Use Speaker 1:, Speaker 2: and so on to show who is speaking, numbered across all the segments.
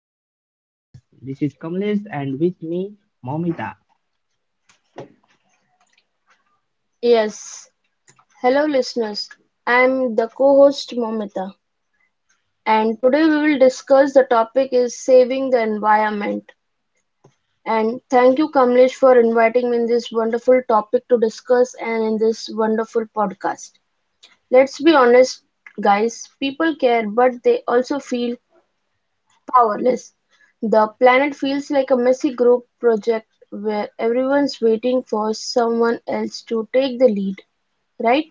Speaker 1: the UA podcast. This is Kamlesh and with me Momita.
Speaker 2: Yes, hello listeners. I'm the co-host Momita and today we will discuss the topic is saving the environment. And thank you Kamlesh for inviting me in this wonderful topic to discuss and in this wonderful podcast. Let's be honest guys, people care but they also feel powerless. The planet feels like a messy group project where everyone's waiting for someone else to take the lead, right?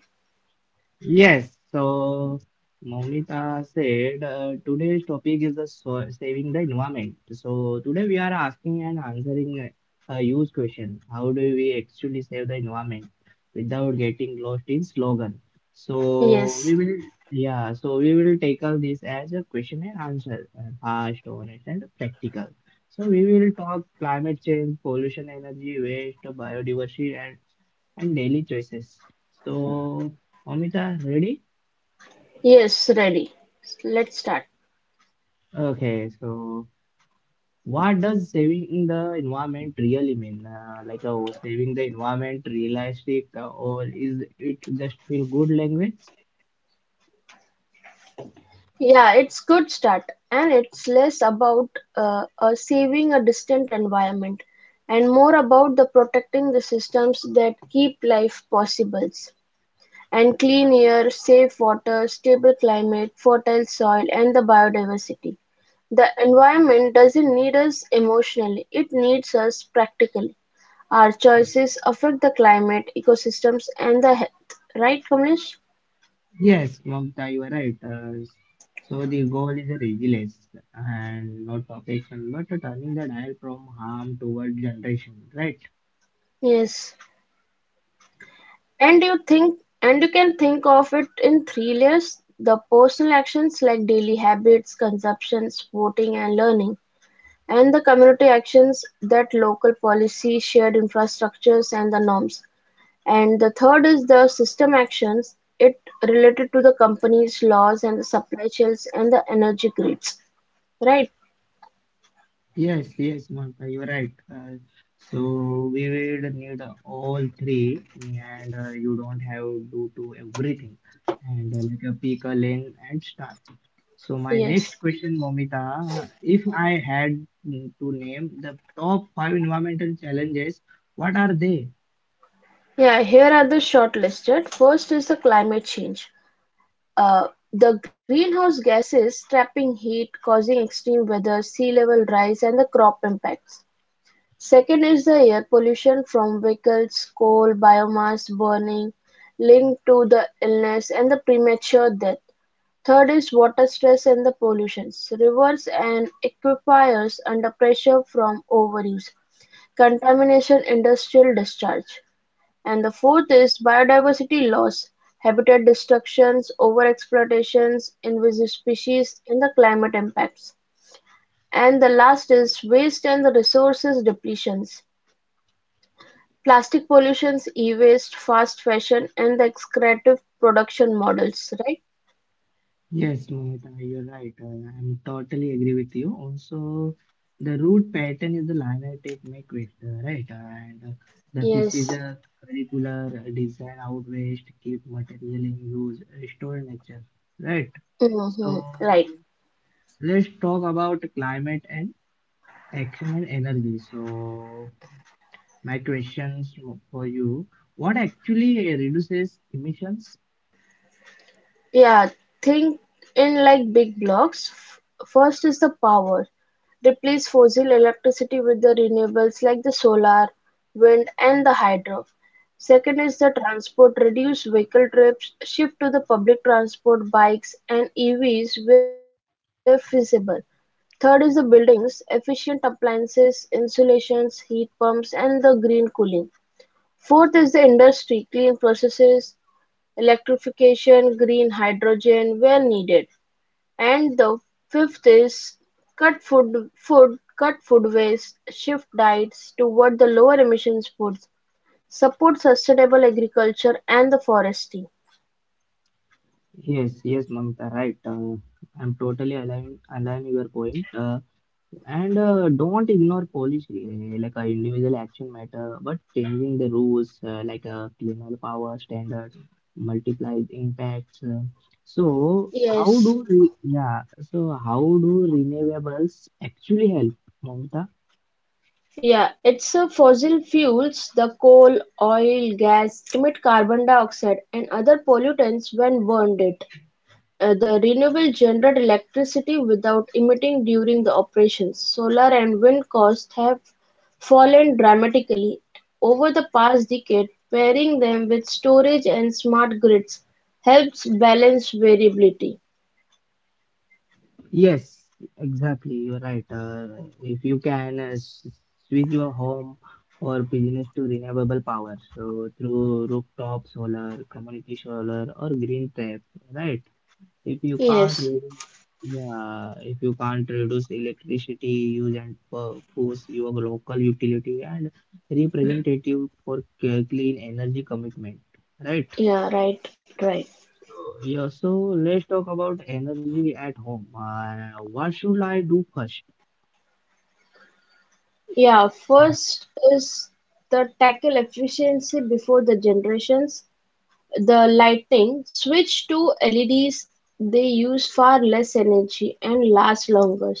Speaker 1: Yes, so Maumita said today's topic is the so saving the environment. So today we are asking and answering a huge question. How do we actually save the environment without getting lost in slogan? So
Speaker 2: Yes.
Speaker 1: we will yeah, so we will tackle this as a question and answer, fast, honest, and practical. So we will talk climate change, pollution, energy, waste, biodiversity, and daily choices. So Amita, ready?
Speaker 2: Yes, ready. Let's start.
Speaker 1: Okay, so what does saving the environment really mean? Saving the environment realistic or is it just feel good language?
Speaker 2: Yeah, it's good start, and it's less about saving a distant environment and more about the protecting the systems that keep life possible. And clean air, safe water, stable climate, fertile soil, and the biodiversity. The environment doesn't need us emotionally, it needs us practically. Our choices affect the climate, ecosystems, and the health. Right, Kamlesh?
Speaker 1: Yes, Mamta, you are right. So the goal is a resilience and not perfection, but turning the dial from harm toward generation, right?
Speaker 2: Yes. And you think and you can think of it in three layers the personal actions like daily habits, consumptions, voting and learning, and the community actions that local policy, shared infrastructures and the norms. And the third is the system actions, it related to the companies, laws and the supply chains and the energy grids. Right?
Speaker 1: Yes, yes, Mamta, you're right. So we will need all three, and you don't have to do everything. And like a pick a lane and start. So my next
Speaker 2: Yes.
Speaker 1: question, Momita, if I had to name the top five environmental challenges, what are they?
Speaker 2: Yeah, here are the shortlisted. First is the climate change. Uh, The greenhouse gases trapping heat, causing extreme weather, sea-level rise and the crop impacts. Second is the air pollution from vehicles, coal, biomass burning linked to the illness and the premature death. Third is water stress and the pollutions. Rivers and aquifers under pressure from overuse, contamination, industrial discharge. And the fourth is biodiversity loss, habitat destructions, overexploitations, invasive species, and the climate impacts. And the last is waste and the resources depletions. Plastic pollutions, e-waste, fast fashion, and the excretive production models, right?
Speaker 1: Yes, Momita, you're right. I'm totally agree with you. Also, the root pattern is the linear make vector, right? And The
Speaker 2: Yes.
Speaker 1: precision curricular design out west, keep material in use, restore nature, right? So
Speaker 2: Hmm. Right.
Speaker 1: let's talk about climate and action and energy. So my questions for you: what actually reduces emissions?
Speaker 2: Yeah, think in like big blocks. First is the power. Replace fossil electricity with the renewables like the solar, wind, and the hydro. Second is the transport. Reduce vehicle trips. Shift to the public transport, bikes, and EVs where feasible. Third is the buildings, efficient appliances, insulations, heat pumps, and the green cooling. Fourth is the industry, clean processes, electrification, green hydrogen where needed. And the fifth is cut food waste, shift diets toward the lower emissions foods, support sustainable agriculture and the forestry.
Speaker 1: Yes, yes, Mamita, right. I'm totally align your point. And Don't ignore policy, individual action matter, but changing the rules, cleaner power standards, multiplies impacts. So how do
Speaker 2: Yes.
Speaker 1: re yeah? So how do renewables actually help, Mamita?
Speaker 2: Yeah, it's a fossil fuels, the coal, oil, gas emit carbon dioxide and other pollutants when burned it. The renewable generate electricity without emitting during the operations. Solar and wind costs have fallen dramatically over the past decade. Pairing them with storage and smart grids helps balance variability.
Speaker 1: Yes, exactly. You're right. If you can switch your home or business to renewable power, so through rooftop solar, community solar, or green tech, right? If you can't,
Speaker 2: Yes,
Speaker 1: redu- yeah, if you can't reduce electricity use and push your local utility and representative for clean energy commitment, right?
Speaker 2: yeah, right.
Speaker 1: So, yeah, so let's talk about energy at home. What should I do first?
Speaker 2: Yeah, first is the tackle efficiency before the generations. The lighting switch to LEDs, they use far less energy and last longer.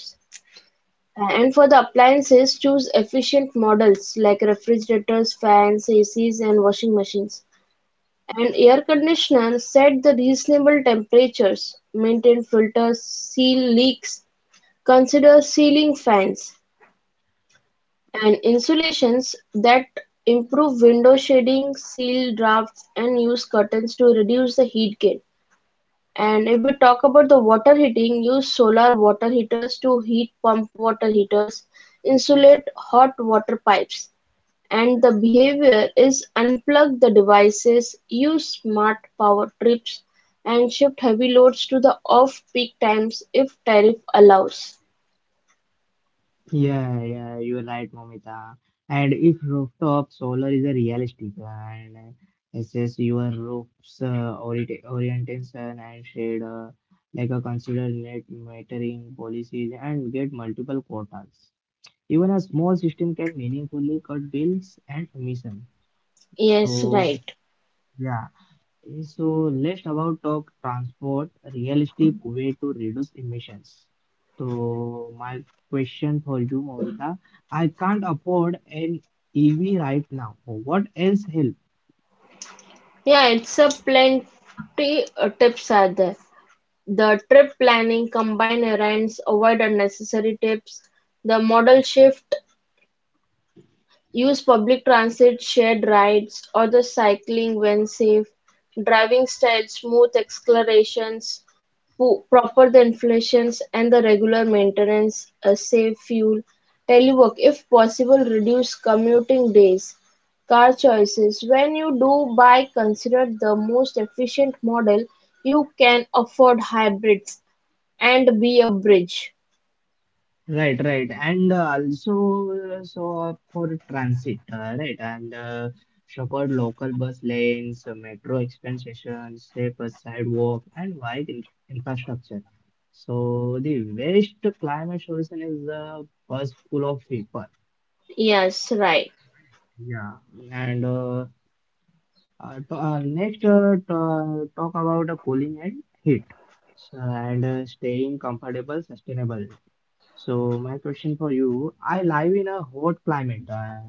Speaker 2: And for the appliances, choose efficient models like refrigerators, fans, ACs, and washing machines. And air conditioners, set the reasonable temperatures, maintain filters, seal leaks, consider ceiling fans, and insulations that improve window shading, seal drafts, and use curtains to reduce the heat gain. And if we talk about the water heating, use solar water heaters to heat pump water heaters, insulate hot water pipes. And the behavior is unplug the devices, use smart power trips, and shift heavy loads to the off peak times if tariff allows.
Speaker 1: Yeah, yeah, you're right, Momita. And if rooftop solar is a realistic and assess your roof's orientation and shade, like a consider net metering policies and get multiple quotas. Even a small system can meaningfully cut bills and emission.
Speaker 2: Yes,
Speaker 1: So,
Speaker 2: right.
Speaker 1: yeah. So let's about talk transport, realistic way to reduce emissions. So my question for you, Monica, I can't afford an EV right now. What else help?
Speaker 2: Yeah, it's a plenty tips are there. The trip planning, combine errands, avoid unnecessary tips, the model shift. Use public transit, shared rides, or the cycling when safe. Driving style, smooth accelerations, proper the inflations and the regular maintenance, a safe fuel. Telework, if possible, reduce commuting days. Car choices, when you do buy, consider the most efficient model you can afford hybrids and be a bridge.
Speaker 1: Right, right, and also so for transit, right, and support local bus lanes, metro expansion, safer sidewalk, and wide in infrastructure. So the waste climate solution is a bus full of people.
Speaker 2: Yes, right.
Speaker 1: Yeah, and to, next to, Talk about cooling and heat, so, and staying comfortable, sustainable. So my question for you, I live in a hot climate,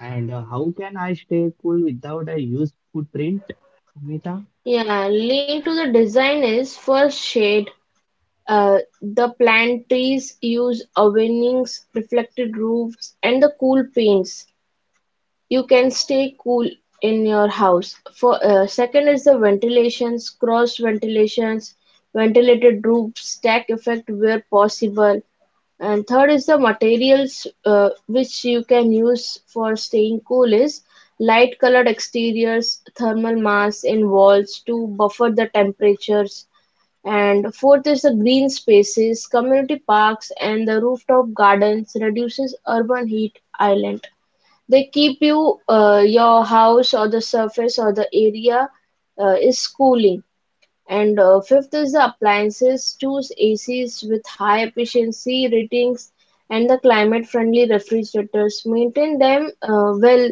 Speaker 1: and how can I stay cool without a huge footprint, Mita?
Speaker 2: Yeah, lean to the design is first shade. The plantries use awnings, reflected roofs, and the cool paints. You can stay cool in your house. For second is the ventilations, cross ventilations, ventilated roofs, stack effect where possible. And third is the materials which you can use for staying cool is light colored exteriors, thermal mass in walls to buffer the temperatures and fourth is the green spaces, community parks and the rooftop gardens reduces urban heat island. They keep you your house or the surface or the area is cooling. And Fifth is the appliances, choose ACs with high efficiency ratings and the climate friendly refrigerators. Maintain them well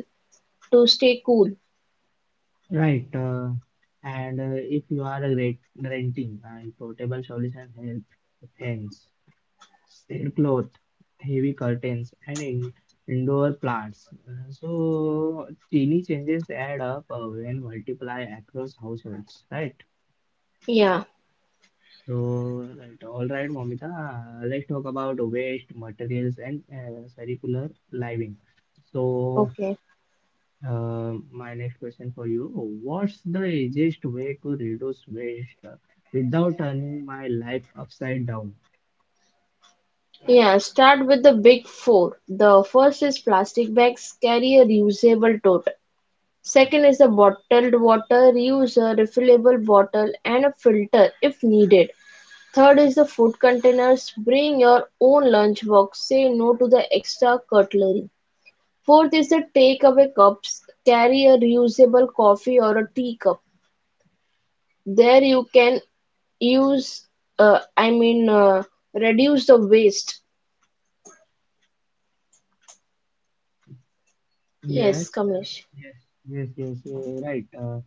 Speaker 2: to stay cool.
Speaker 1: Right. And If you are a renting and portable solution help fans, sail cloth, heavy curtains, and in indoor plants. So teeny changes add up when multiply across households, right?
Speaker 2: Yeah,
Speaker 1: All right, Momita, let's talk about waste materials and circular living. So,
Speaker 2: okay.
Speaker 1: my next question for you, what's the easiest way to reduce waste without turning my life upside down?
Speaker 2: Yeah, start with the big four. The first is plastic bags carry a reusable tote. Second is the bottled water, reuse a refillable bottle and a filter if needed. Third is the food containers, bring your own lunchbox, say no to the extra cutlery. Fourth is the takeaway cups, carry a reusable coffee or a teacup. There you can use, uh, I mean, uh, reduce the waste. Yes,
Speaker 1: Yes, uh,
Speaker 2: Kamesh.
Speaker 1: yes, yes, right. Uh,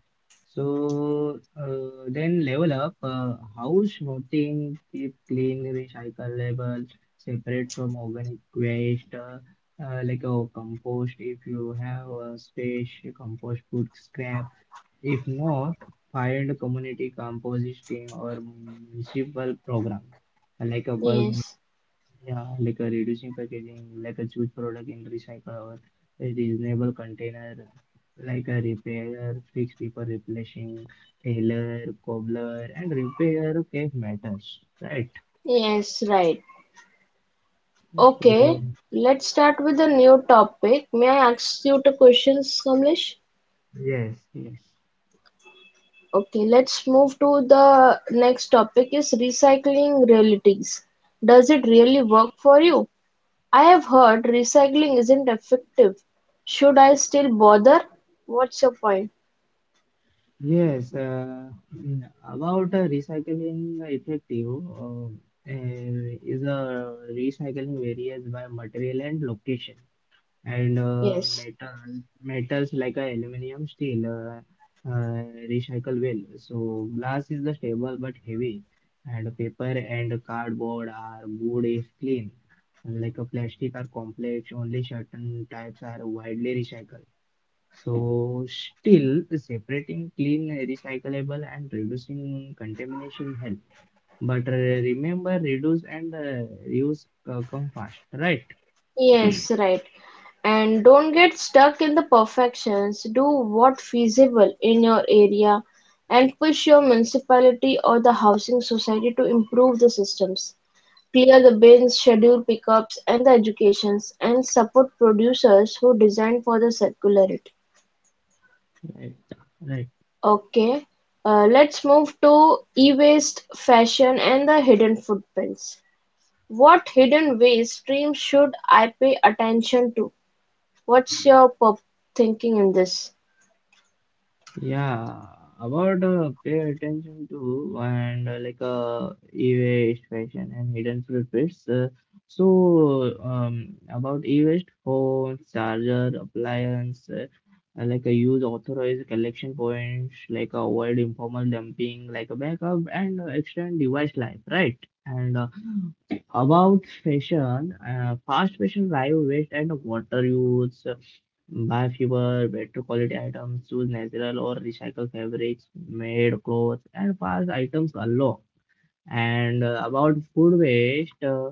Speaker 1: so uh, Then level up, house rotting, keep clean, recycle level, separate from organic waste, compost if you have a space, compost food scrap. If not, find a community composting or municipal program, uh, like a bulk
Speaker 2: Yes.
Speaker 1: yeah, like a reducing packaging, like a choose product in recycle or a reasonable container, like a repair, fix people replacing, tailor, cobbler, and repair cake matters, right?
Speaker 2: Yes, right.
Speaker 1: So
Speaker 2: Okay, let's start with a new topic. May I ask you two questions, Kamlesh?
Speaker 1: yes, yes,
Speaker 2: Okay, let's move to the next topic is recycling realities. Does it really work for you? I have heard recycling isn't effective. Should I still bother? What's your point?
Speaker 1: yes. About recycling effective is a recycling varies by material and location and uh,
Speaker 2: Yes.
Speaker 1: metal metals like aluminum, steel uh, recycle well. So glass is the stable but heavy, and paper and cardboard are good if clean. Like a plastic are complex, only certain types are widely recycled. So still separating clean, recyclable, and reducing contamination help. But remember, reduce and reuse come fast, right?
Speaker 2: Yes, right. And don't get stuck in the perfections. Do what feasible in your area and push your municipality or the housing society to improve the systems. Clear the bins, schedule pickups and the educations and support producers who design for the circularity.
Speaker 1: Right. Right.
Speaker 2: Okay, let's move to e-waste fashion and the hidden footprints. What hidden waste streams should I pay attention to? What's your pop thinking in this?
Speaker 1: Yeah, about Pay attention to and like e-waste fashion and hidden purpose. About e-waste phones, charger, appliance, use authorized collection points, avoid informal dumping, like a backup and extend device life, right? And about fashion, fast fashion drive waste and water use. Buy fewer, better quality items, choose natural or recycled fabrics, made clothes, and pass items along. And about food waste,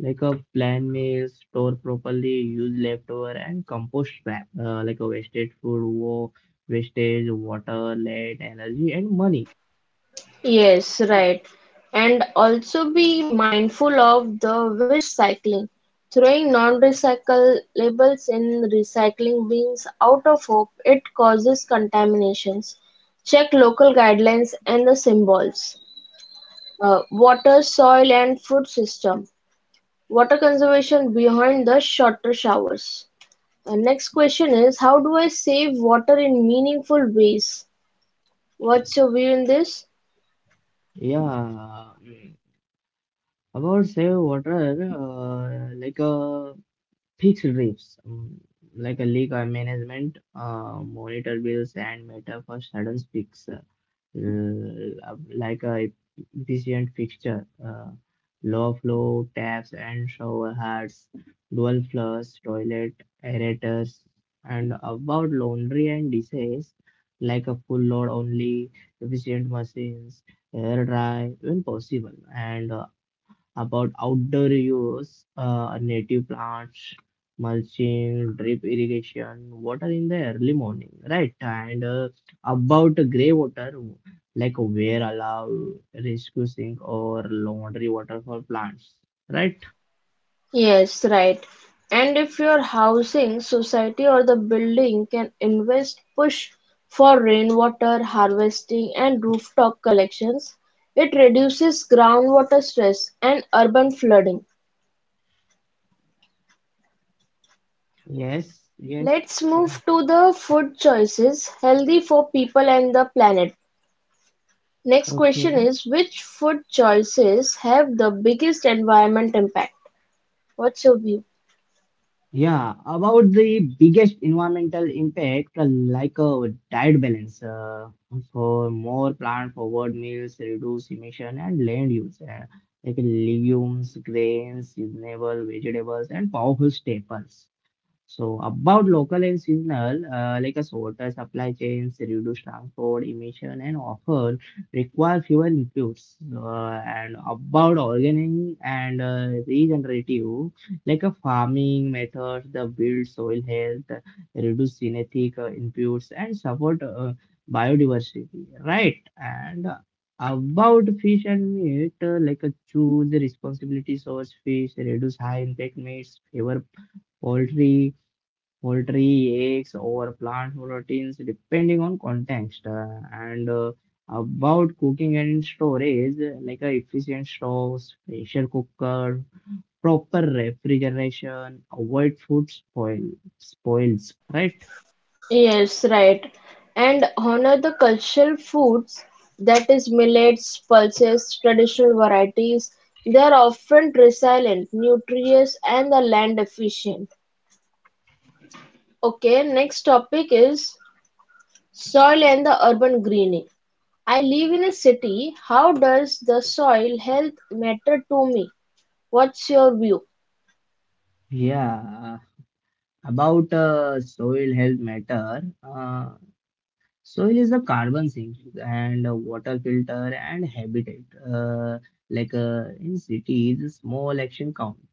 Speaker 1: like a plan meals, store properly, use leftover and compost scrap, like a wasted food, wastage, water, lead, energy, and money.
Speaker 2: Yes, right. And also be mindful of the wish cycling. Throwing non-recyclables in recycling bins out of hope it causes contaminations. Check local guidelines and the symbols. Water, soil, and food system. Water conservation behind the shorter showers. Next question is how do I save water in meaningful ways? What's your view in this?
Speaker 1: Yeah, mm, about save water, like a Peaks reefs, like a lake management, monitor bills and matter for sudden peaks, like a efficient fixture, low flow taps and shower heads, dual flush toilet aerators, and about laundry and dishes, like a full load only, efficient machines, air dry when possible, and about outdoor use, native plants, mulching, drip irrigation, water in the early morning, right? And about grey water, like where allow rescue sink or laundry water for plants, right?
Speaker 2: Yes, right. And if your housing society or the building can invest, push for rainwater harvesting and rooftop collections, it reduces groundwater stress and urban flooding.
Speaker 1: Yes, yes.
Speaker 2: Let's
Speaker 1: Right.
Speaker 2: move to the food choices healthy for people and the planet. Next question
Speaker 1: Okay.
Speaker 2: is which food choices have the biggest environment impact? What's your view?
Speaker 1: Yeah, about the biggest environmental impact, like a diet balance, for more plant-forward meals, reduce emission and land use, like legumes, grains, seasonable vegetables, and powerful staples. So about local and seasonal, like a water supply chains, reduce transport emission, and often require fewer inputs. And about organic and regenerative, like a farming methods, the build soil health, reduce genetic inputs, and support biodiversity. Right. And about fish and meat, like a choose responsibility source fish, reduce high impact meats, favor poultry poultry, eggs, or plant proteins depending on context. And About cooking and storage, like a efficient stoves, pressure cooker, proper refrigeration, avoid food spoils, right?
Speaker 2: Yes, right. And honor the cultural foods, that is millets, pulses, traditional varieties. They are often resilient, nutritious, and the land efficient. Okay, next topic is soil and the urban greening. I live in a city. How does the soil health matter to me? What's your view?
Speaker 1: Yeah, about Soil health matter. Soil is the carbon sink and water filter and habitat. Uh, in cities, small action counts.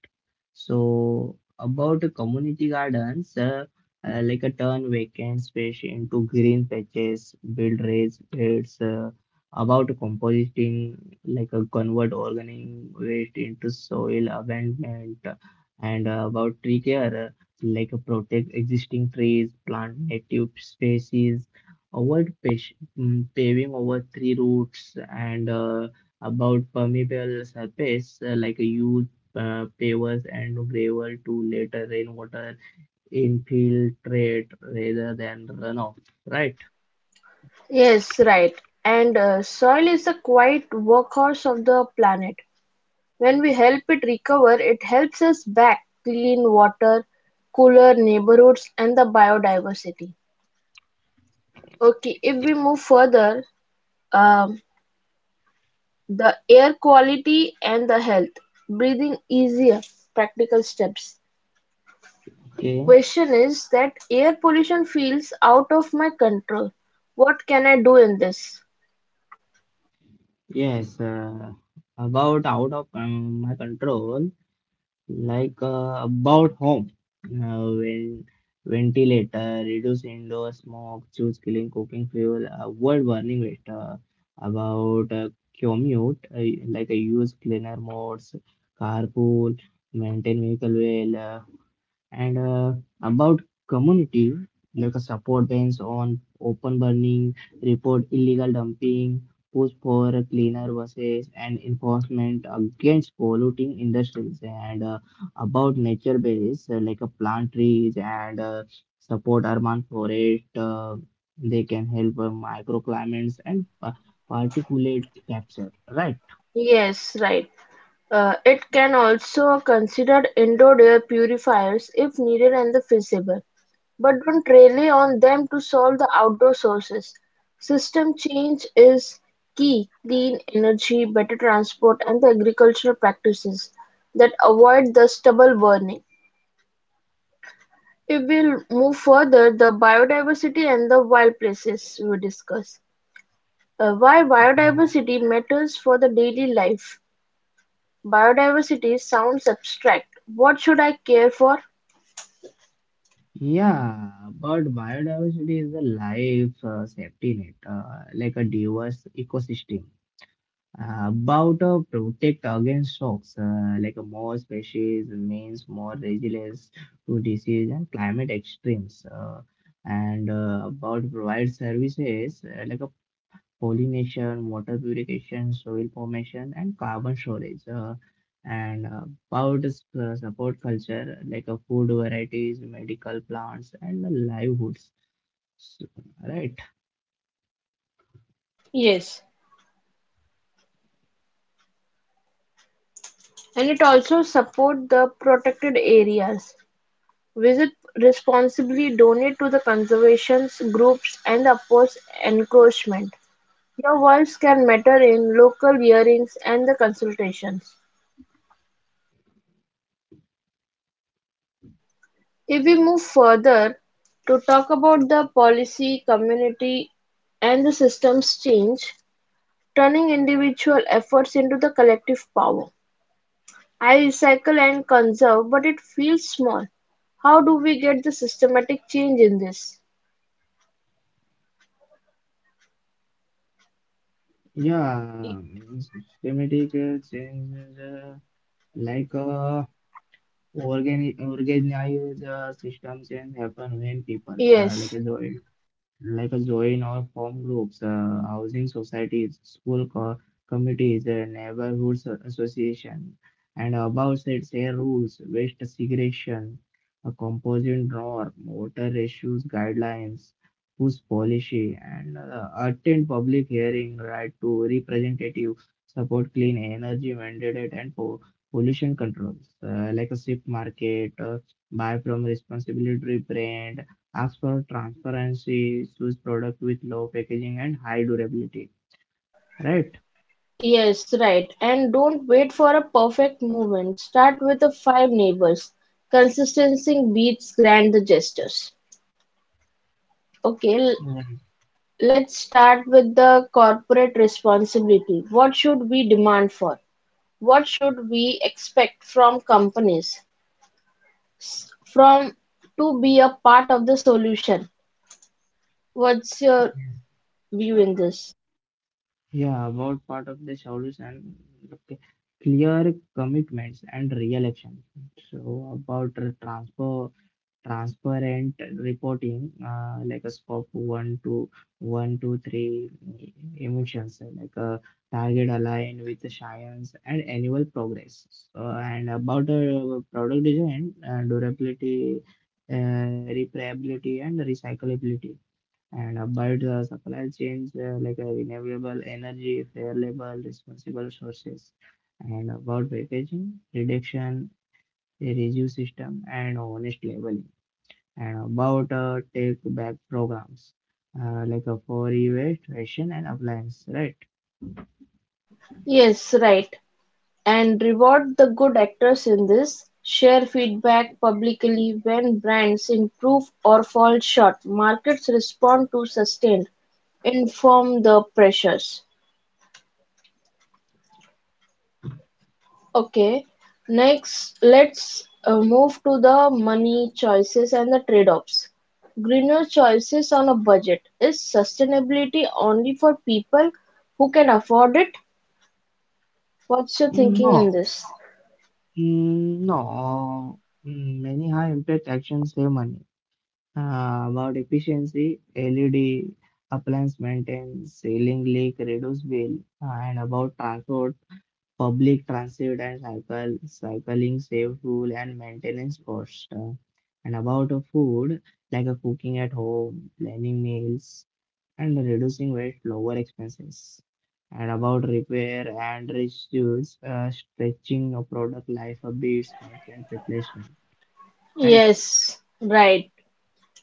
Speaker 1: So about the community gardens, like a turn vacant space into green patches, build raised beds. About composting, like a convert organic waste into soil abandonment, and about tree care, like a protect existing trees, plant native species, avoid paving over three routes, and about permeable surface, like a use pavers and gravel to let rainwater infiltrate rather than runoff. Right?
Speaker 2: Yes, right. And soil is the quiet workhorse of the planet. When we help it recover, it helps us back clean water, cooler neighborhoods, and the biodiversity. Okay, if we move further, um, the air quality and the health, breathing easier, practical steps.
Speaker 1: Okay.
Speaker 2: Question is that air pollution feels out of my control. What can I do in this?
Speaker 1: Yes. About out of my control, about home, when ventilator, reduce indoor smoke, choose clean cooking fuel, avoid burning it. About Commute, like I use cleaner modes, carpool, maintain vehicle well. And About community, like a support bans on open burning, report illegal dumping, push for a cleaner buses, and enforcement against polluting industries. And about nature base, like a plant trees and support urban forest. They can help microclimates and particulate capture, right?
Speaker 2: Yes, right. It can also consider indoor air purifiers if needed and feasible, but don't rely on them to solve the outdoor sources. System change is key. Clean energy, better transport, and the agricultural practices that avoid the stubble burning. If we move further, the biodiversity and the wild places we discuss. Why biodiversity matters for the daily life. Biodiversity sounds abstract. What should I care for?
Speaker 1: Yeah, but biodiversity is a life safety net, like a diverse ecosystem. About Protect against shocks, like a more species means more resilience to disease and climate extremes. And About provide services like a pollination, water purification, soil formation, and carbon storage. And Powders support culture like food varieties, medical plants, and the livelihoods. So, right?
Speaker 2: Yes, and it also support the protected areas. Visit responsibly, donate to the conservation groups and oppose encroachment. Your voice can matter in local hearings and the consultations. If we move further to talk about the policy, community and the systems change, turning individual efforts into the collective power. I recycle and conserve, but it feels small. How do we get the systematic change in this?
Speaker 1: Yeah,
Speaker 2: Y-
Speaker 1: Systematic changes, like uh, organized system change happen when people,
Speaker 2: Yes.
Speaker 1: like a join or form groups, housing societies, school committees, neighborhoods association, and above said share rules, waste segregation, a composite norm, water issues guidelines, whose policy, and attend public hearing, right to representative, support clean energy mandate and pollution controls, like a shift market, buy from responsibility brand as for transparency, choose product with low packaging and high durability. Right?
Speaker 2: Yes, right. And don't wait for a perfect movement. Start with the 5 neighbors. Consistency beats grand gestures. Okay,
Speaker 1: Mm.
Speaker 2: let's start with the corporate responsibility. What should we demand for? What should we expect from companies? From to be a part of the solution? What's your view in this?
Speaker 1: Yeah, about part of the solution, okay, clear commitments and real action. So about the transfer. Transparent reporting like a scope one to three emissions like a target aligned with the science and annual progress so, and about product design durability repairability and recyclability and about the supply chains renewable energy fair label responsible sources and about packaging reduction a review system and honest label and about take back programs like a for e-waste, fashion and appliance, right?
Speaker 2: Yes, right. And reward the good actors in this. Share feedback publicly when brands improve or fall short. Markets respond to sustained. Inform the pressures. Okay. Next, let's move to the money choices and the trade-offs. Greener choices on a budget. Is sustainability only for people who can afford it? What's your thinking in
Speaker 1: No,
Speaker 2: this?
Speaker 1: Mm, no, Mm, Many high impact actions save money. About efficiency, LED appliance maintenance, ceiling leak, reduce bill, and about transport, public transit and cycling save fuel and maintenance cost. And about food, like cooking at home, planning meals, and reducing weight lower expenses. And about repair and reduce, stretching a product life a bit constant replacement. right
Speaker 2: Yes, right.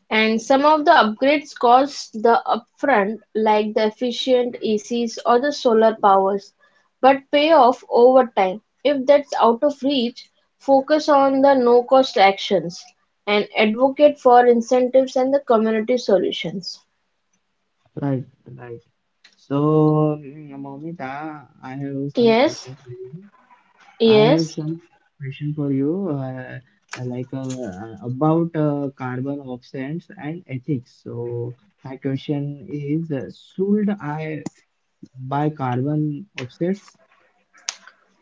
Speaker 2: And some of the upgrades cost the upfront, like the efficient ECs or the solar powers, but pay off over time. If that's out of reach, focus on the no cost actions and advocate for incentives and the community solutions.
Speaker 1: right right so Moumita, I have some
Speaker 2: Yes,
Speaker 1: question for you. i have
Speaker 2: yes.
Speaker 1: some question for you uh, like, about carbon offsets and ethics. So my question is, should I buy carbon offsets?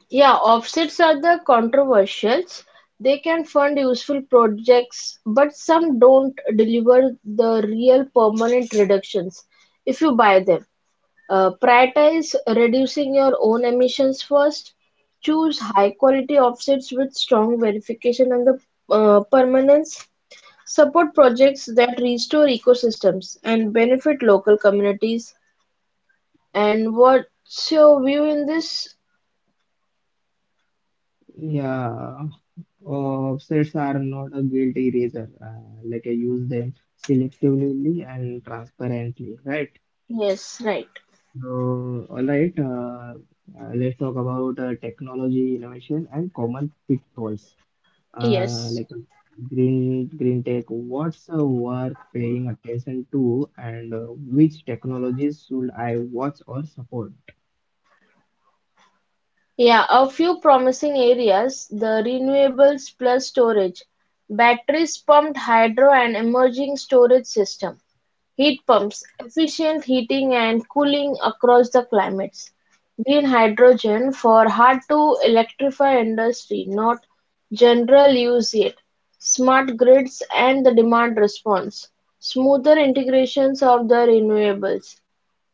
Speaker 2: Yeah, offsets are the controversials. They can fund useful projects, but some don't deliver the real permanent reductions if you buy them. Prioritize reducing your own emissions first. Choose high quality offsets with strong verification and the permanence. Support projects that restore ecosystems and benefit local communities. And what's your view in this?
Speaker 1: Yeah, offsets are not a guilt eraser. Like, I use them selectively and transparently, right?
Speaker 2: Yes, right.
Speaker 1: So, all right, let's talk about technology innovation and common pitfalls.
Speaker 2: Yes.
Speaker 1: Like, green tech, what's worth paying attention to, and which technologies should I watch or support?
Speaker 2: Yeah, a few promising areas, the renewables plus storage, batteries, pumped hydro and emerging storage system, heat pumps, efficient heating and cooling across the climates, green hydrogen for hard to electrify industry, not general use yet, smart grids and the demand response, smoother integrations of the renewables,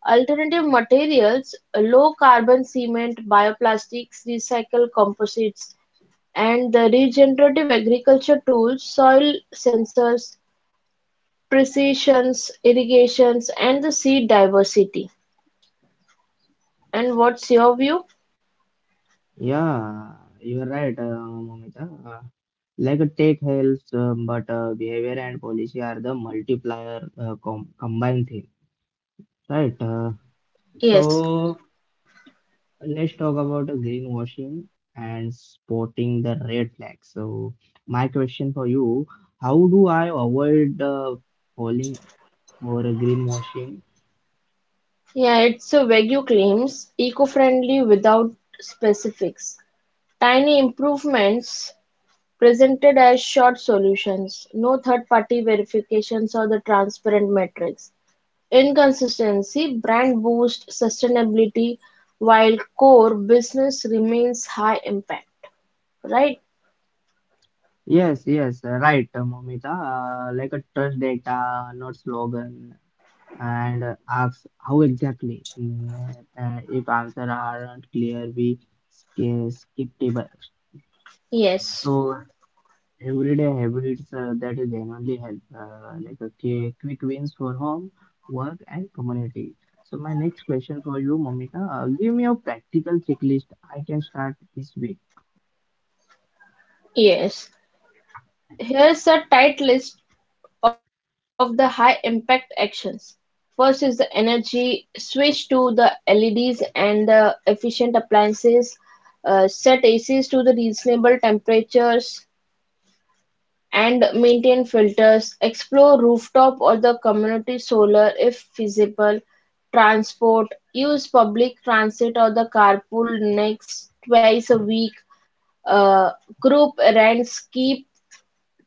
Speaker 2: alternative materials, low-carbon cement, bioplastics, recycled composites, and the regenerative agriculture tools, soil sensors, precisions, irrigations, and the seed diversity. And what's your view?
Speaker 1: Yeah, you are right, Momita. Like, a tech helps, but behavior and policy are the multiplier, combined thing, right?
Speaker 2: Yes.
Speaker 1: So let's talk about greenwashing and spotting the red flag. So, my question for you, how do I avoid falling for a greenwashing?
Speaker 2: Yeah, it's a vague claims, eco-friendly without specifics. Tiny improvements presented as short solutions, no third-party verifications or the transparent metrics. Inconsistency: brand boost, sustainability while core business remains high impact, right?
Speaker 1: Yes, yes, right, Momita. Like, a trust data, not slogan, and asks how exactly. If answers aren't clear, we skip table.
Speaker 2: Yes,
Speaker 1: So, everyday habits, that is genuinely help, like a quick wins for home, work, and community. So my next question for you, Momita, give me a practical checklist I can start this week.
Speaker 2: yes. Here's a tight list of the high impact actions. First is the energy switch to the LEDs and the efficient appliances, set ACs to the reasonable temperatures, and maintain filters, explore rooftop or the community solar if feasible, transport, use public transit or the carpool next twice a week, uh, group errands, keep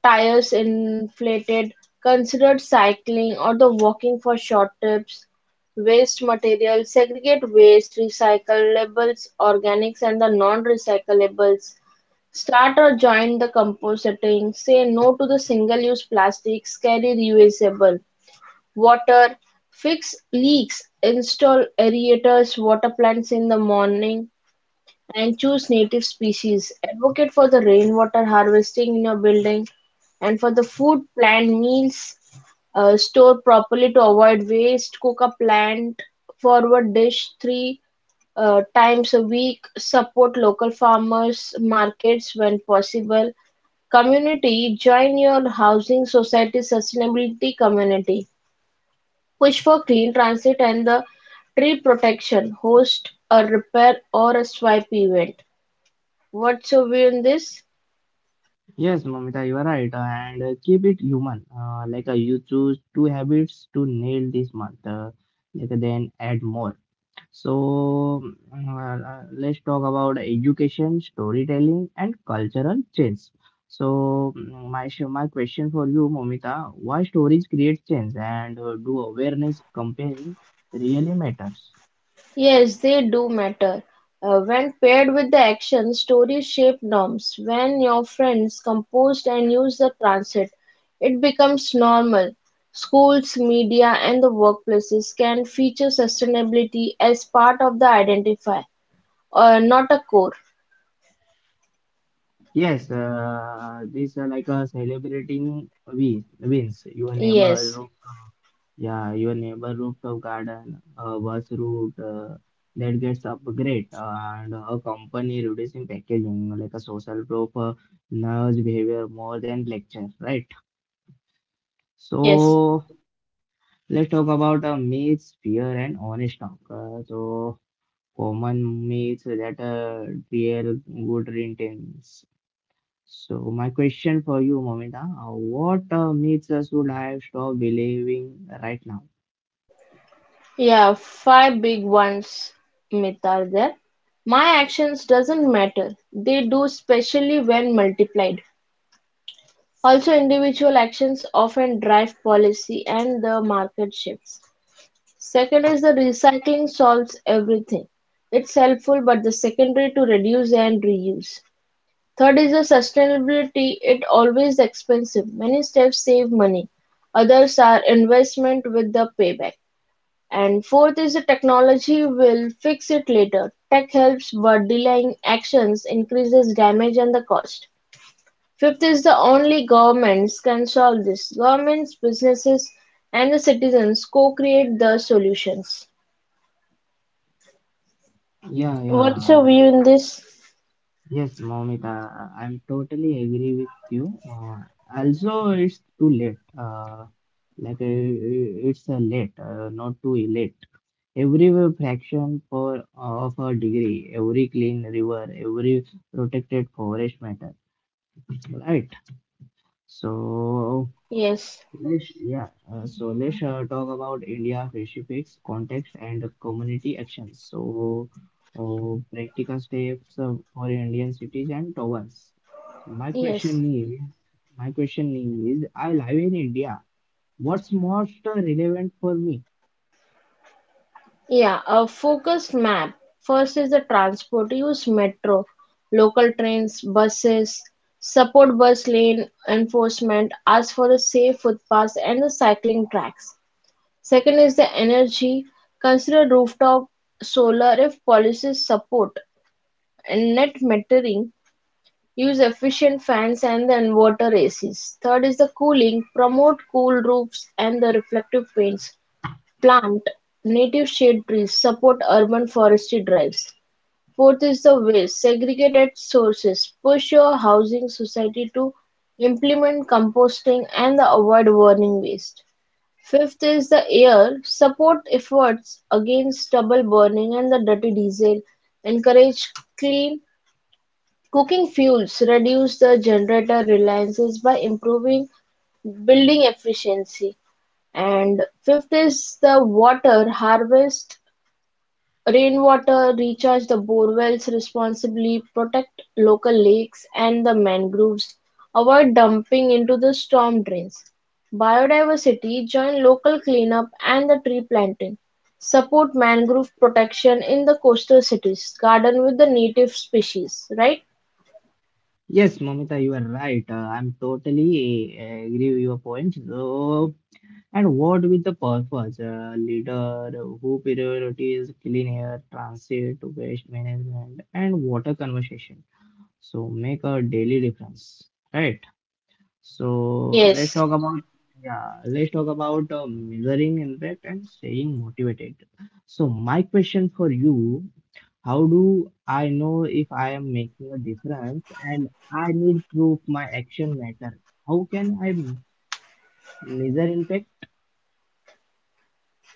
Speaker 2: tires inflated, consider cycling or the walking for short trips, waste material, segregate waste, recyclables, organics and the non-recyclables. Start or join the compositing, say no to the single-use plastics, carry reusable water, fix leaks, install aerators, water plants in the morning, and choose native species. Advocate for the rainwater harvesting in your building and for the food plan meals, store properly to avoid waste, cook a plant forward dish three times a week, support local farmers markets when possible. Community, join your housing society sustainability community. Push for clean transit and the tree protection. Host a repair or a swipe event. What's your view on this?
Speaker 1: Yes, Momita, you are right, and keep it human. Like, you choose two habits to nail this month, then add more. So, let's talk about education, storytelling, and cultural change. So, my question for you, Momita, why stories create change, and do awareness campaign really matters?
Speaker 2: Yes, they do matter. When paired with the action, stories shape norms. When your friends compose and use the transit, it becomes normal. Schools, media, and the workplaces can feature sustainability as part of the identifier. Not a core.
Speaker 1: Yes, these are like, celebrating wins. Your neighbor
Speaker 2: Yes,
Speaker 1: rooftop, yeah, your neighbor rooftop garden, bus route, that gets upgrade, and a company reducing packaging like a social proof, nudge behavior more than lecture, right?
Speaker 2: yes.
Speaker 1: So let's talk about myths, fear, and honest talk. So, common myths that real good intentions. So my question for you, Momita, what makes us would have stopped believing right now?
Speaker 2: Yeah, five big ones, myth are there. My actions doesn't matter. They do especially when multiplied. Also, individual actions often drive policy and the market shifts. Second is the recycling solves everything. It's helpful but the secondary to reduce and reuse. Third is the sustainability, it always expensive. Many steps save money, others are investment with the payback. And fourth is the technology will fix it later. Tech helps but delaying actions increases damage and the cost. Fifth is the only governments can solve this. Governments, businesses and the citizens co-create the solutions.
Speaker 1: Yeah,
Speaker 2: What's your
Speaker 1: yeah.
Speaker 2: view in this?
Speaker 1: Yes, Momita, I'm totally agree with you. Also, it's too late. Like uh, it's a late, not too late. Every fraction for of a degree, every clean river, every protected forest matter, right? So
Speaker 2: Yes.
Speaker 1: let's, yeah, let's talk about India specifics, context, and community actions. So, practical steps for Indian cities and towns. So my
Speaker 2: Yes.
Speaker 1: is, my question is, I live in India. What's most relevant for me?
Speaker 2: Yeah, a focused map. First is the transport. Use metro, local trains, buses, support bus lane enforcement. Ask for the safe footpaths and the cycling tracks. Second is the energy. Consider rooftop solar if policies support and net metering. Use efficient fans and the inverter ACs. Third is the cooling. Promote cool roofs and the reflective paints. Plant native shade trees, support urban forestry drives. Fourth is the waste. Segregated sources. Push your housing society to implement composting and the avoid burning waste. Fifth is the air. Support efforts against stubble burning and the dirty diesel. Encourage clean cooking fuels. Reduce the generator reliances by improving building efficiency. And fifth is the water harvest rainwater, recharge the borewells responsibly, protect local lakes and the mangroves, avoid dumping into the storm drains. Biodiversity, join local cleanup and the tree planting. Support mangrove protection in the coastal cities, garden with the native species, right?
Speaker 1: Yes, Mamita, you are right. I'm totally agree with your point. So, and what with the purpose? A leader who prioritize clean air, transit, waste management, and water conservation. So make a daily difference, right? So let's
Speaker 2: Yes.
Speaker 1: talk about yeah, let's talk about measuring impact and staying motivated. So my question for you: how do I know if I am making a difference, and I need proof my action matter? How can I measure impact?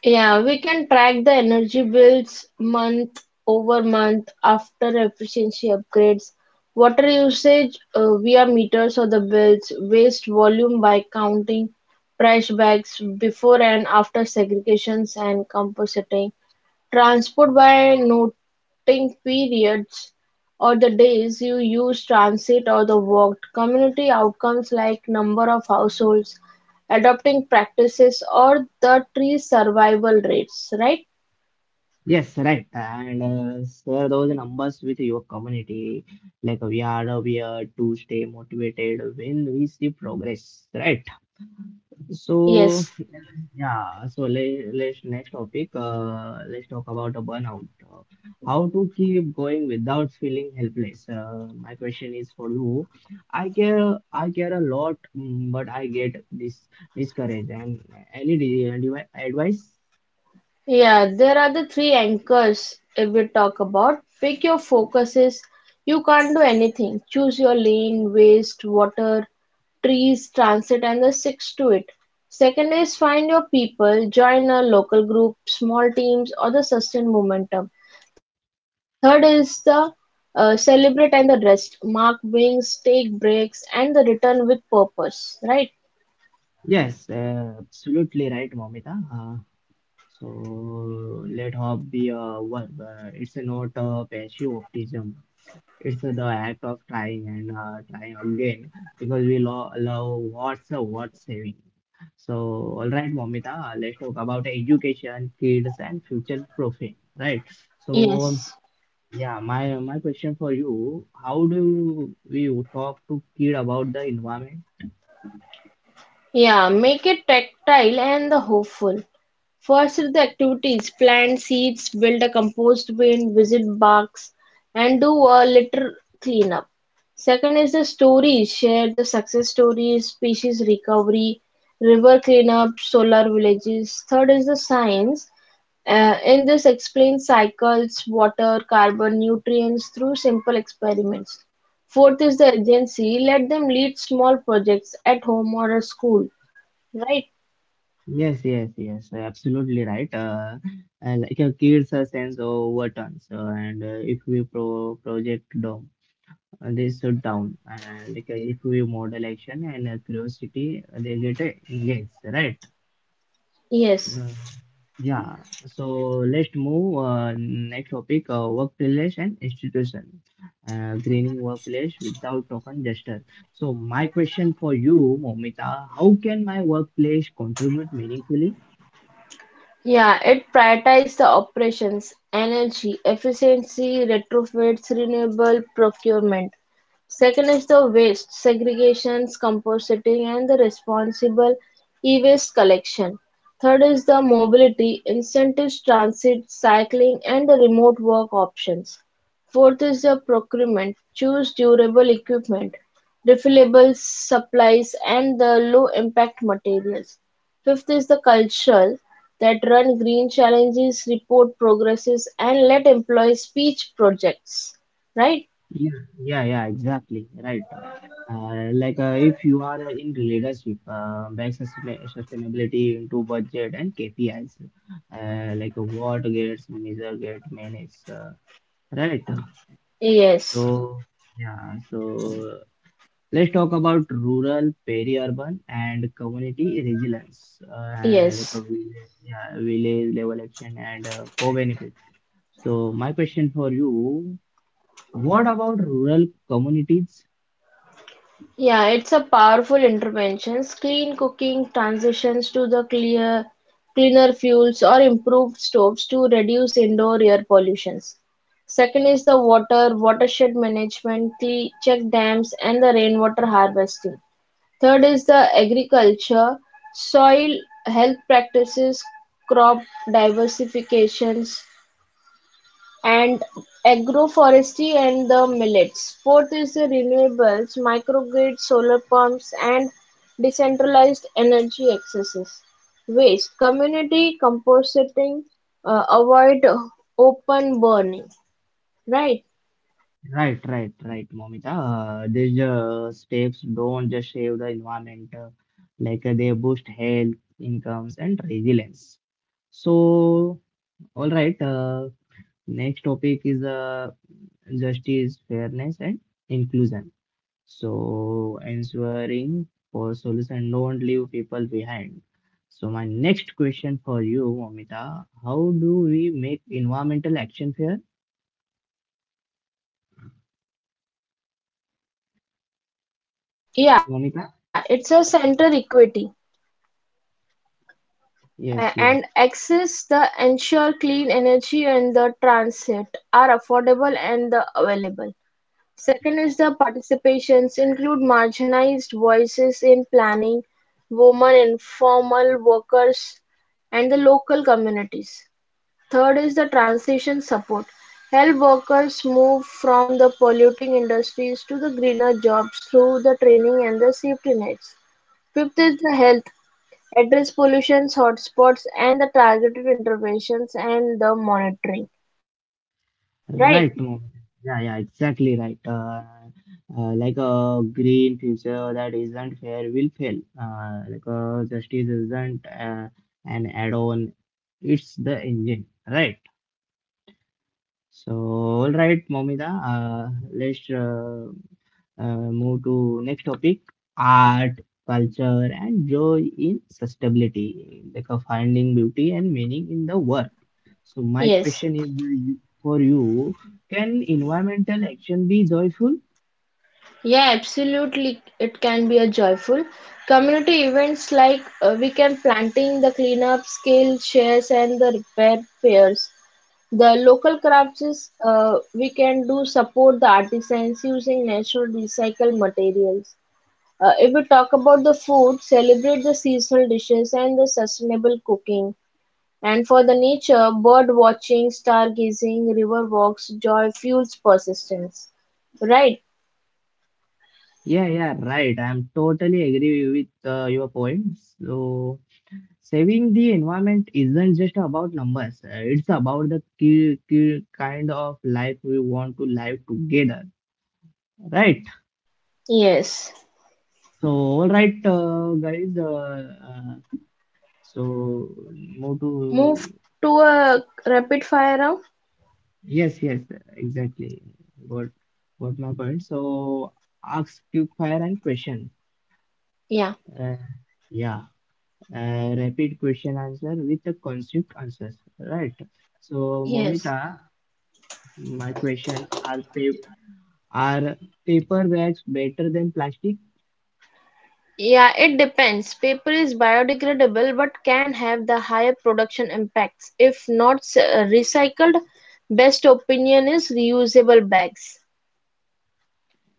Speaker 2: Yeah, we can track the energy bills month over month after efficiency upgrades. Water usage via meters or the bills, waste volume by counting trash bags before and after segregations and compositing. Transport by noting periods or the days you use transit or the walked, community outcomes like number of households adopting practices or the tree survival rates, right?
Speaker 1: Yes, right. And share those numbers with your community. Like, we are to stay motivated when we see progress, right? So
Speaker 2: Yes.
Speaker 1: yeah. So let's next topic. Let's talk about a burnout. How to keep going without feeling helpless? My question is for you. I care. I care a lot, mm, but I get this discouraged. And any advice?
Speaker 2: Yeah, there are the three anchors if we talk about. Pick your focuses. You can't do anything. Choose your lane, waste, water, trees, transit, and the six to it. Second is find your people, join a local group, small teams, or the sustained momentum. Third is the celebrate and the rest, mark wings, take breaks, and the return with purpose, right?
Speaker 1: Yes, absolutely right, Momita. So let hope be a verb. It's not a passive optimism. It's the act of trying and trying again because we lo love what's saving. So all right, Momita, let's talk about education, kids, and future profit. Right. So
Speaker 2: Yes.
Speaker 1: yeah, my question for you: how do we talk to kid about the environment?
Speaker 2: Yeah, make it tactile and the hopeful. First, are the activities: plant seeds, build a compost bin, visit parks, and do a litter cleanup. Second is the stories. Share the success stories, species recovery, river cleanup, solar villages. Third is the science. In this, explain cycles, water, carbon, nutrients through simple experiments. Fourth is the agency. Let them lead small projects at home or at school. Right?
Speaker 1: Yes, yes, yes, absolutely right. Like, kids a sense of what so, and if we project down, they shut down. Like, if we model action and curiosity, they get engaged, right?
Speaker 2: Yes.
Speaker 1: Uh, yeah. So let's move next topic: workplace and institution. Greening workplace without token gesture. So my question for you, Momita, how can my workplace contribute meaningfully?
Speaker 2: Yeah, it prioritizes the operations, energy efficiency, retrofits, renewable procurement. Second is the waste segregations, compositing, and the responsible e-waste collection. Third is the mobility, incentives, transit, cycling, and the remote work options. Fourth is the procurement, choose durable equipment, refillable supplies, and the low impact materials. Fifth is the cultural that run green challenges, report progresses, and let employees pitch projects. Right?
Speaker 1: Yeah, yeah, Exactly. Right. Like, if you are in leadership, back sustain- sustainability into budget and KPIs, like, what gets measured, get managed, right?
Speaker 2: Yes.
Speaker 1: So yeah, so let's talk about rural, peri-urban, and community resilience, like
Speaker 2: Yes.
Speaker 1: a village, yeah, village level action and co-benefit. So my question for you, what about rural communities?
Speaker 2: Yeah, it's a powerful interventions. Clean cooking transitions to the clear cleaner fuels or improved stoves to reduce indoor air pollutions. Second is the water watershed management, check dams and the rainwater harvesting. Third is the agriculture, soil health practices, crop diversifications and agroforestry and the millets. Fourth is the renewables, microgrids, solar pumps and decentralized energy accesses. Waste, community composting, avoid open burning. Right?
Speaker 1: Right, right, right, Momita. These steps don't just save the environment, they boost health, incomes, and resilience. So, all right, next topic is justice, fairness, and inclusion. So, ensuring for solution don't leave people behind. So, my next question for you, Momita, how do we make environmental action fair?
Speaker 2: Yeah, it's
Speaker 1: Momita?
Speaker 2: a center equity. uh,
Speaker 1: Yes,
Speaker 2: and
Speaker 1: yes.
Speaker 2: access the ensure clean energy and the transit are affordable and the available. Second is the participations include marginalized voices in planning, women informal workers, and the local communities. Third is the transition support. Help workers move from the polluting industries to the greener jobs through the training and the safety nets. Fifth is the health. Address pollution hotspots and the targeted interventions and the monitoring. Right?
Speaker 1: Right, Mo. Yeah, yeah, exactly right. Like, a green future that isn't fair will fail. Like, justice isn't an add-on; it's the engine. Right. So, all right, Momida. Let's Move to next topic: art, culture, and joy in sustainability. Like, finding beauty and meaning in the work. So my
Speaker 2: Yes,
Speaker 1: question is for you, can environmental action be joyful?
Speaker 2: yeah, absolutely. It can be a joyful community events like we can planting, the cleanup, scale shares, and the repair fairs. The local crafts is, we can do support the artisans using natural recycled materials. If we talk about the food, celebrate the seasonal dishes and the sustainable cooking. And for the nature, bird-watching, stargazing, river walks, joy fuels persistence. Right?
Speaker 1: Yeah, yeah, right. I'm totally agree with your point. So saving the environment isn't just about numbers. It's about the ki ki kind of life we want to live together, right?
Speaker 2: Yes.
Speaker 1: So all right, guys. So move to
Speaker 2: Move to a rapid fire round?
Speaker 1: yes, yes, exactly. What what my point. So ask quick fire and question.
Speaker 2: Yeah.
Speaker 1: Uh, yeah, rapid question answer with the concept answers. Right. So
Speaker 2: Yes.
Speaker 1: Momita, my are paper bags better than plastic?
Speaker 2: Yeah, it depends. Paper is biodegradable but can have the higher production impacts if not recycled. Best opinion is reusable bags.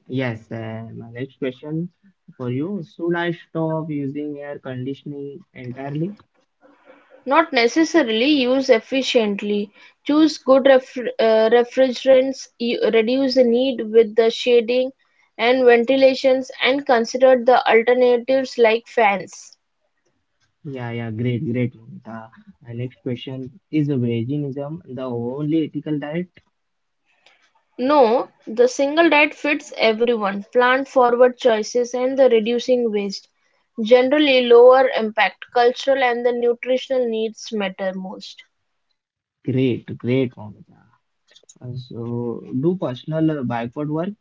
Speaker 1: Yes. My next question for you. Should I stop using air conditioning entirely?
Speaker 2: Not necessarily use efficiently. Choose good refrigerants, reduce the need with the shading and ventilations, and consider the alternatives like fans.
Speaker 1: Yeah, yeah, great, Momita. Next question is veganism the only ethical diet?
Speaker 2: No, the single diet fits everyone. Plant forward choices and the reducing waste. Generally, lower impact, cultural and the nutritional needs matter most.
Speaker 1: Great, Momita. So, do personal backward work?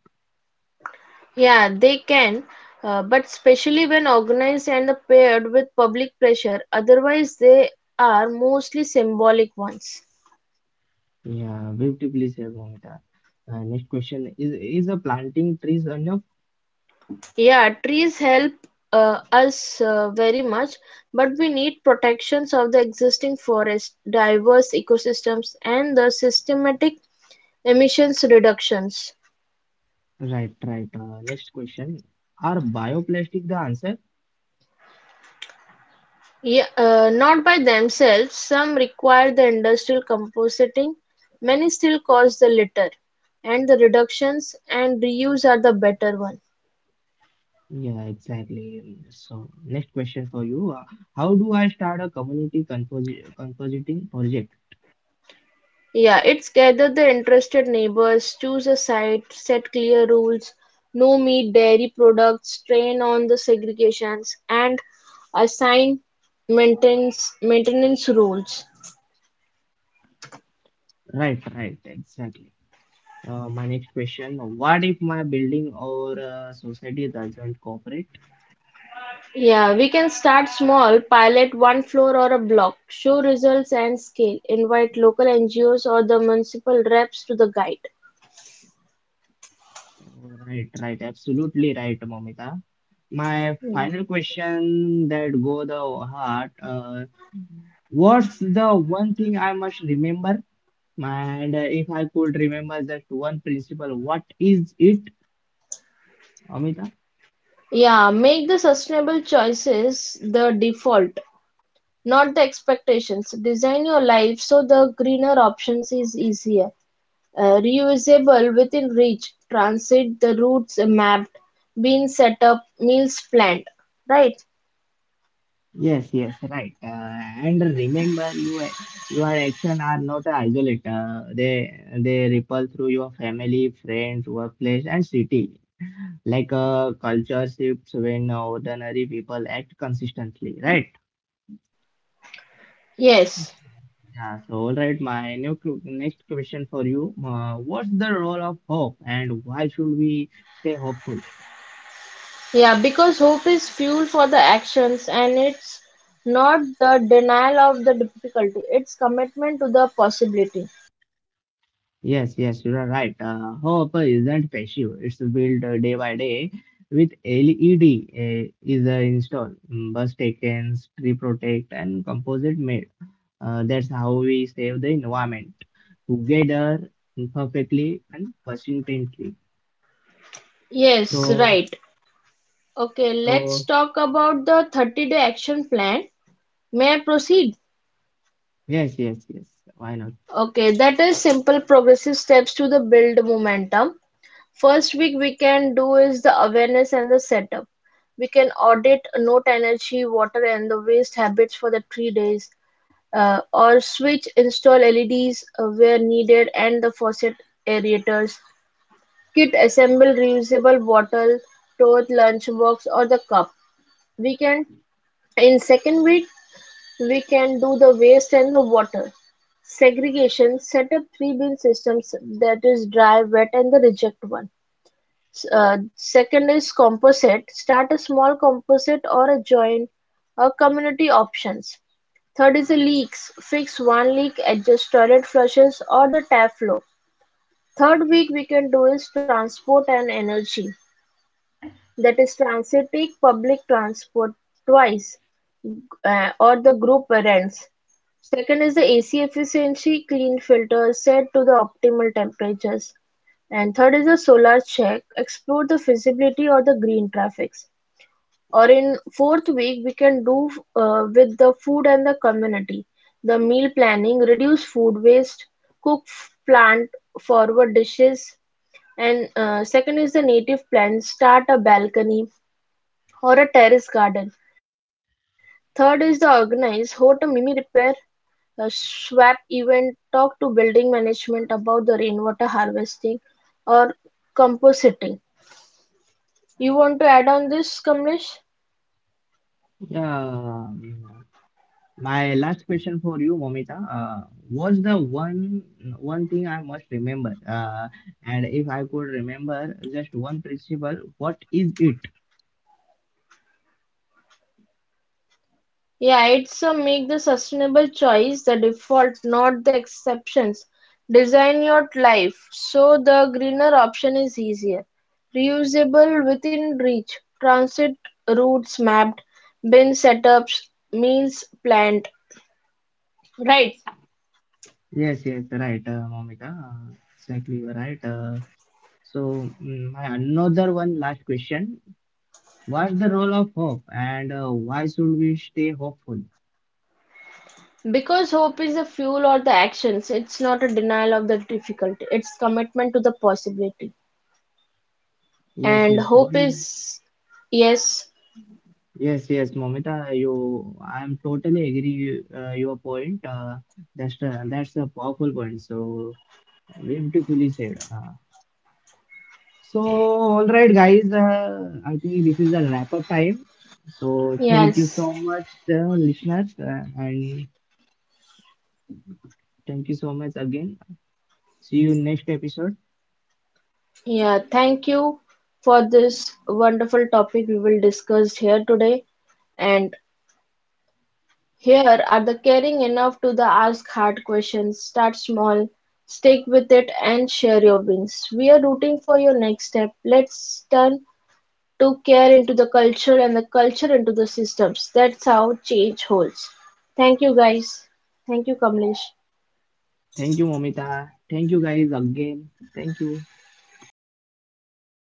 Speaker 2: Yeah, they can, but especially when organized and paired with public pressure, otherwise, they are mostly symbolic ones.
Speaker 1: Yeah, beautifully said, Momita. Next question is planting trees enough?
Speaker 2: Yeah, trees help us very much, but we need protections of the existing forest, diverse ecosystems, and the systematic emissions reductions.
Speaker 1: Right, right. Next question are bioplastic the answer?
Speaker 2: Yeah, not by themselves, some require the industrial compositing, many still cause the litter, and the reductions and reuse are the better one.
Speaker 1: Yeah, exactly. So, next question for you: How do I start a community compositing project?
Speaker 2: Yeah, it's gather the interested neighbors, choose a site, set clear rules, no meat, dairy products, train on the segregations, and assign maintenance rules.
Speaker 1: Right, right, exactly. My next question: what if my building or society doesn't cooperate?
Speaker 2: Yeah, we can start small, pilot one floor or a block, show results and scale, invite local NGOs or the municipal reps to the guide.
Speaker 1: Right, right, absolutely right, Momita. My final question that go the heart. What's the one thing I must remember? And if I could remember just one principle, what is it, Amita?
Speaker 2: Yeah, make the sustainable choices the default, not the expectations. Design your life so the greener options is easier, reusable within reach, transit the routes mapped, bean set up, meals planned. Right?
Speaker 1: Yes, yes, right. And remember, your action are not isolated. They ripple through your family, friends, workplace, and city. Like, a culture shifts when ordinary people act consistently, right?
Speaker 2: Yes.
Speaker 1: Yeah, so all right, my new next question for you. What's the role of hope, and why should we stay hopeful?
Speaker 2: Yeah, because hope is fuel for the actions and it's not the denial of the difficulty, it's commitment to the possibility.
Speaker 1: Yes, yes, you are right. Hope isn't passive. It's built day by day with LED, is installed, mm, bus taken, tree protect, and composite made. That's how we save the environment together, perfectly, and persistently.
Speaker 2: Yes,
Speaker 1: So,
Speaker 2: right. Okay, let's
Speaker 1: so
Speaker 2: talk about the 30-day action plan. May I proceed?
Speaker 1: yes, yes, yes. Why not?
Speaker 2: Okay, that is simple progressive steps to the build momentum. First week we can do is the awareness and the setup. We can audit note energy, water, and the waste habits for the 3 days. Or switch install LEDs where needed and the faucet aerators. Kit assemble reusable bottle, tote, lunchbox or the cup. We can in second bit we can do the waste and the water. Segregation set up three bin systems that is dry, wet and the reject one. Second is composite: start a small composite or a join a community options. Third is the leaks: fix one leak, adjust toilet flushes or the tap flow. Third week we can do is transport and energy. That is transit take public transport twice or the group rents. Second is the AC efficiency, clean filters set to the optimal temperatures. And third is the solar check, explore the feasibility or the green traffics. Or in fourth week, we can do with the food and the community, the meal planning, reduce food waste, plant forward dishes, and second is the native plant, start a balcony, or a terrace garden. Third is the organize host a Mimi Repair a SWAP event. Talk to building management about the rainwater harvesting or composting. You want to add on this, Kamlesh?
Speaker 1: Yeah. My last question for you, Momita, was the one thing I must remember, and if I could remember just one principle, what is it?
Speaker 2: Yeah, it's a make the sustainable choice the default, not the exceptions. Design your life so the greener option is easier. Reusable within reach, transit routes mapped, bin setups, meals planned, right.
Speaker 1: Yes, yes, right, Momita, exactly you are right. My another one last question: what's the role of hope, and why should we stay hopeful?
Speaker 2: Because hope is the fuel or the actions. It's not a denial of the difficulty. It's commitment to the possibility.
Speaker 1: Yes,
Speaker 2: And
Speaker 1: yes,
Speaker 2: hope
Speaker 1: one.
Speaker 2: is yes,
Speaker 1: Yes, yes, Momita, you. I'm totally agree your point. That's a powerful point. So. Beautifully said. So, all right, guys. I think this is a wrap up time. So, thank you
Speaker 2: yes.
Speaker 1: so much, listeners, and thank you so much again. See you next episode.
Speaker 2: Yeah, thank you for this wonderful topic we will discuss here today. And here are the caring enough to the ask hard questions. Start small, stick with it and share your wins. We are rooting for your next step. Let's turn took care into the culture and the culture into the systems. That's how change holds. Thank you, guys. Thank you, Kamlesh.
Speaker 1: Thank you, Momita. Thank you, guys, again. Thank you.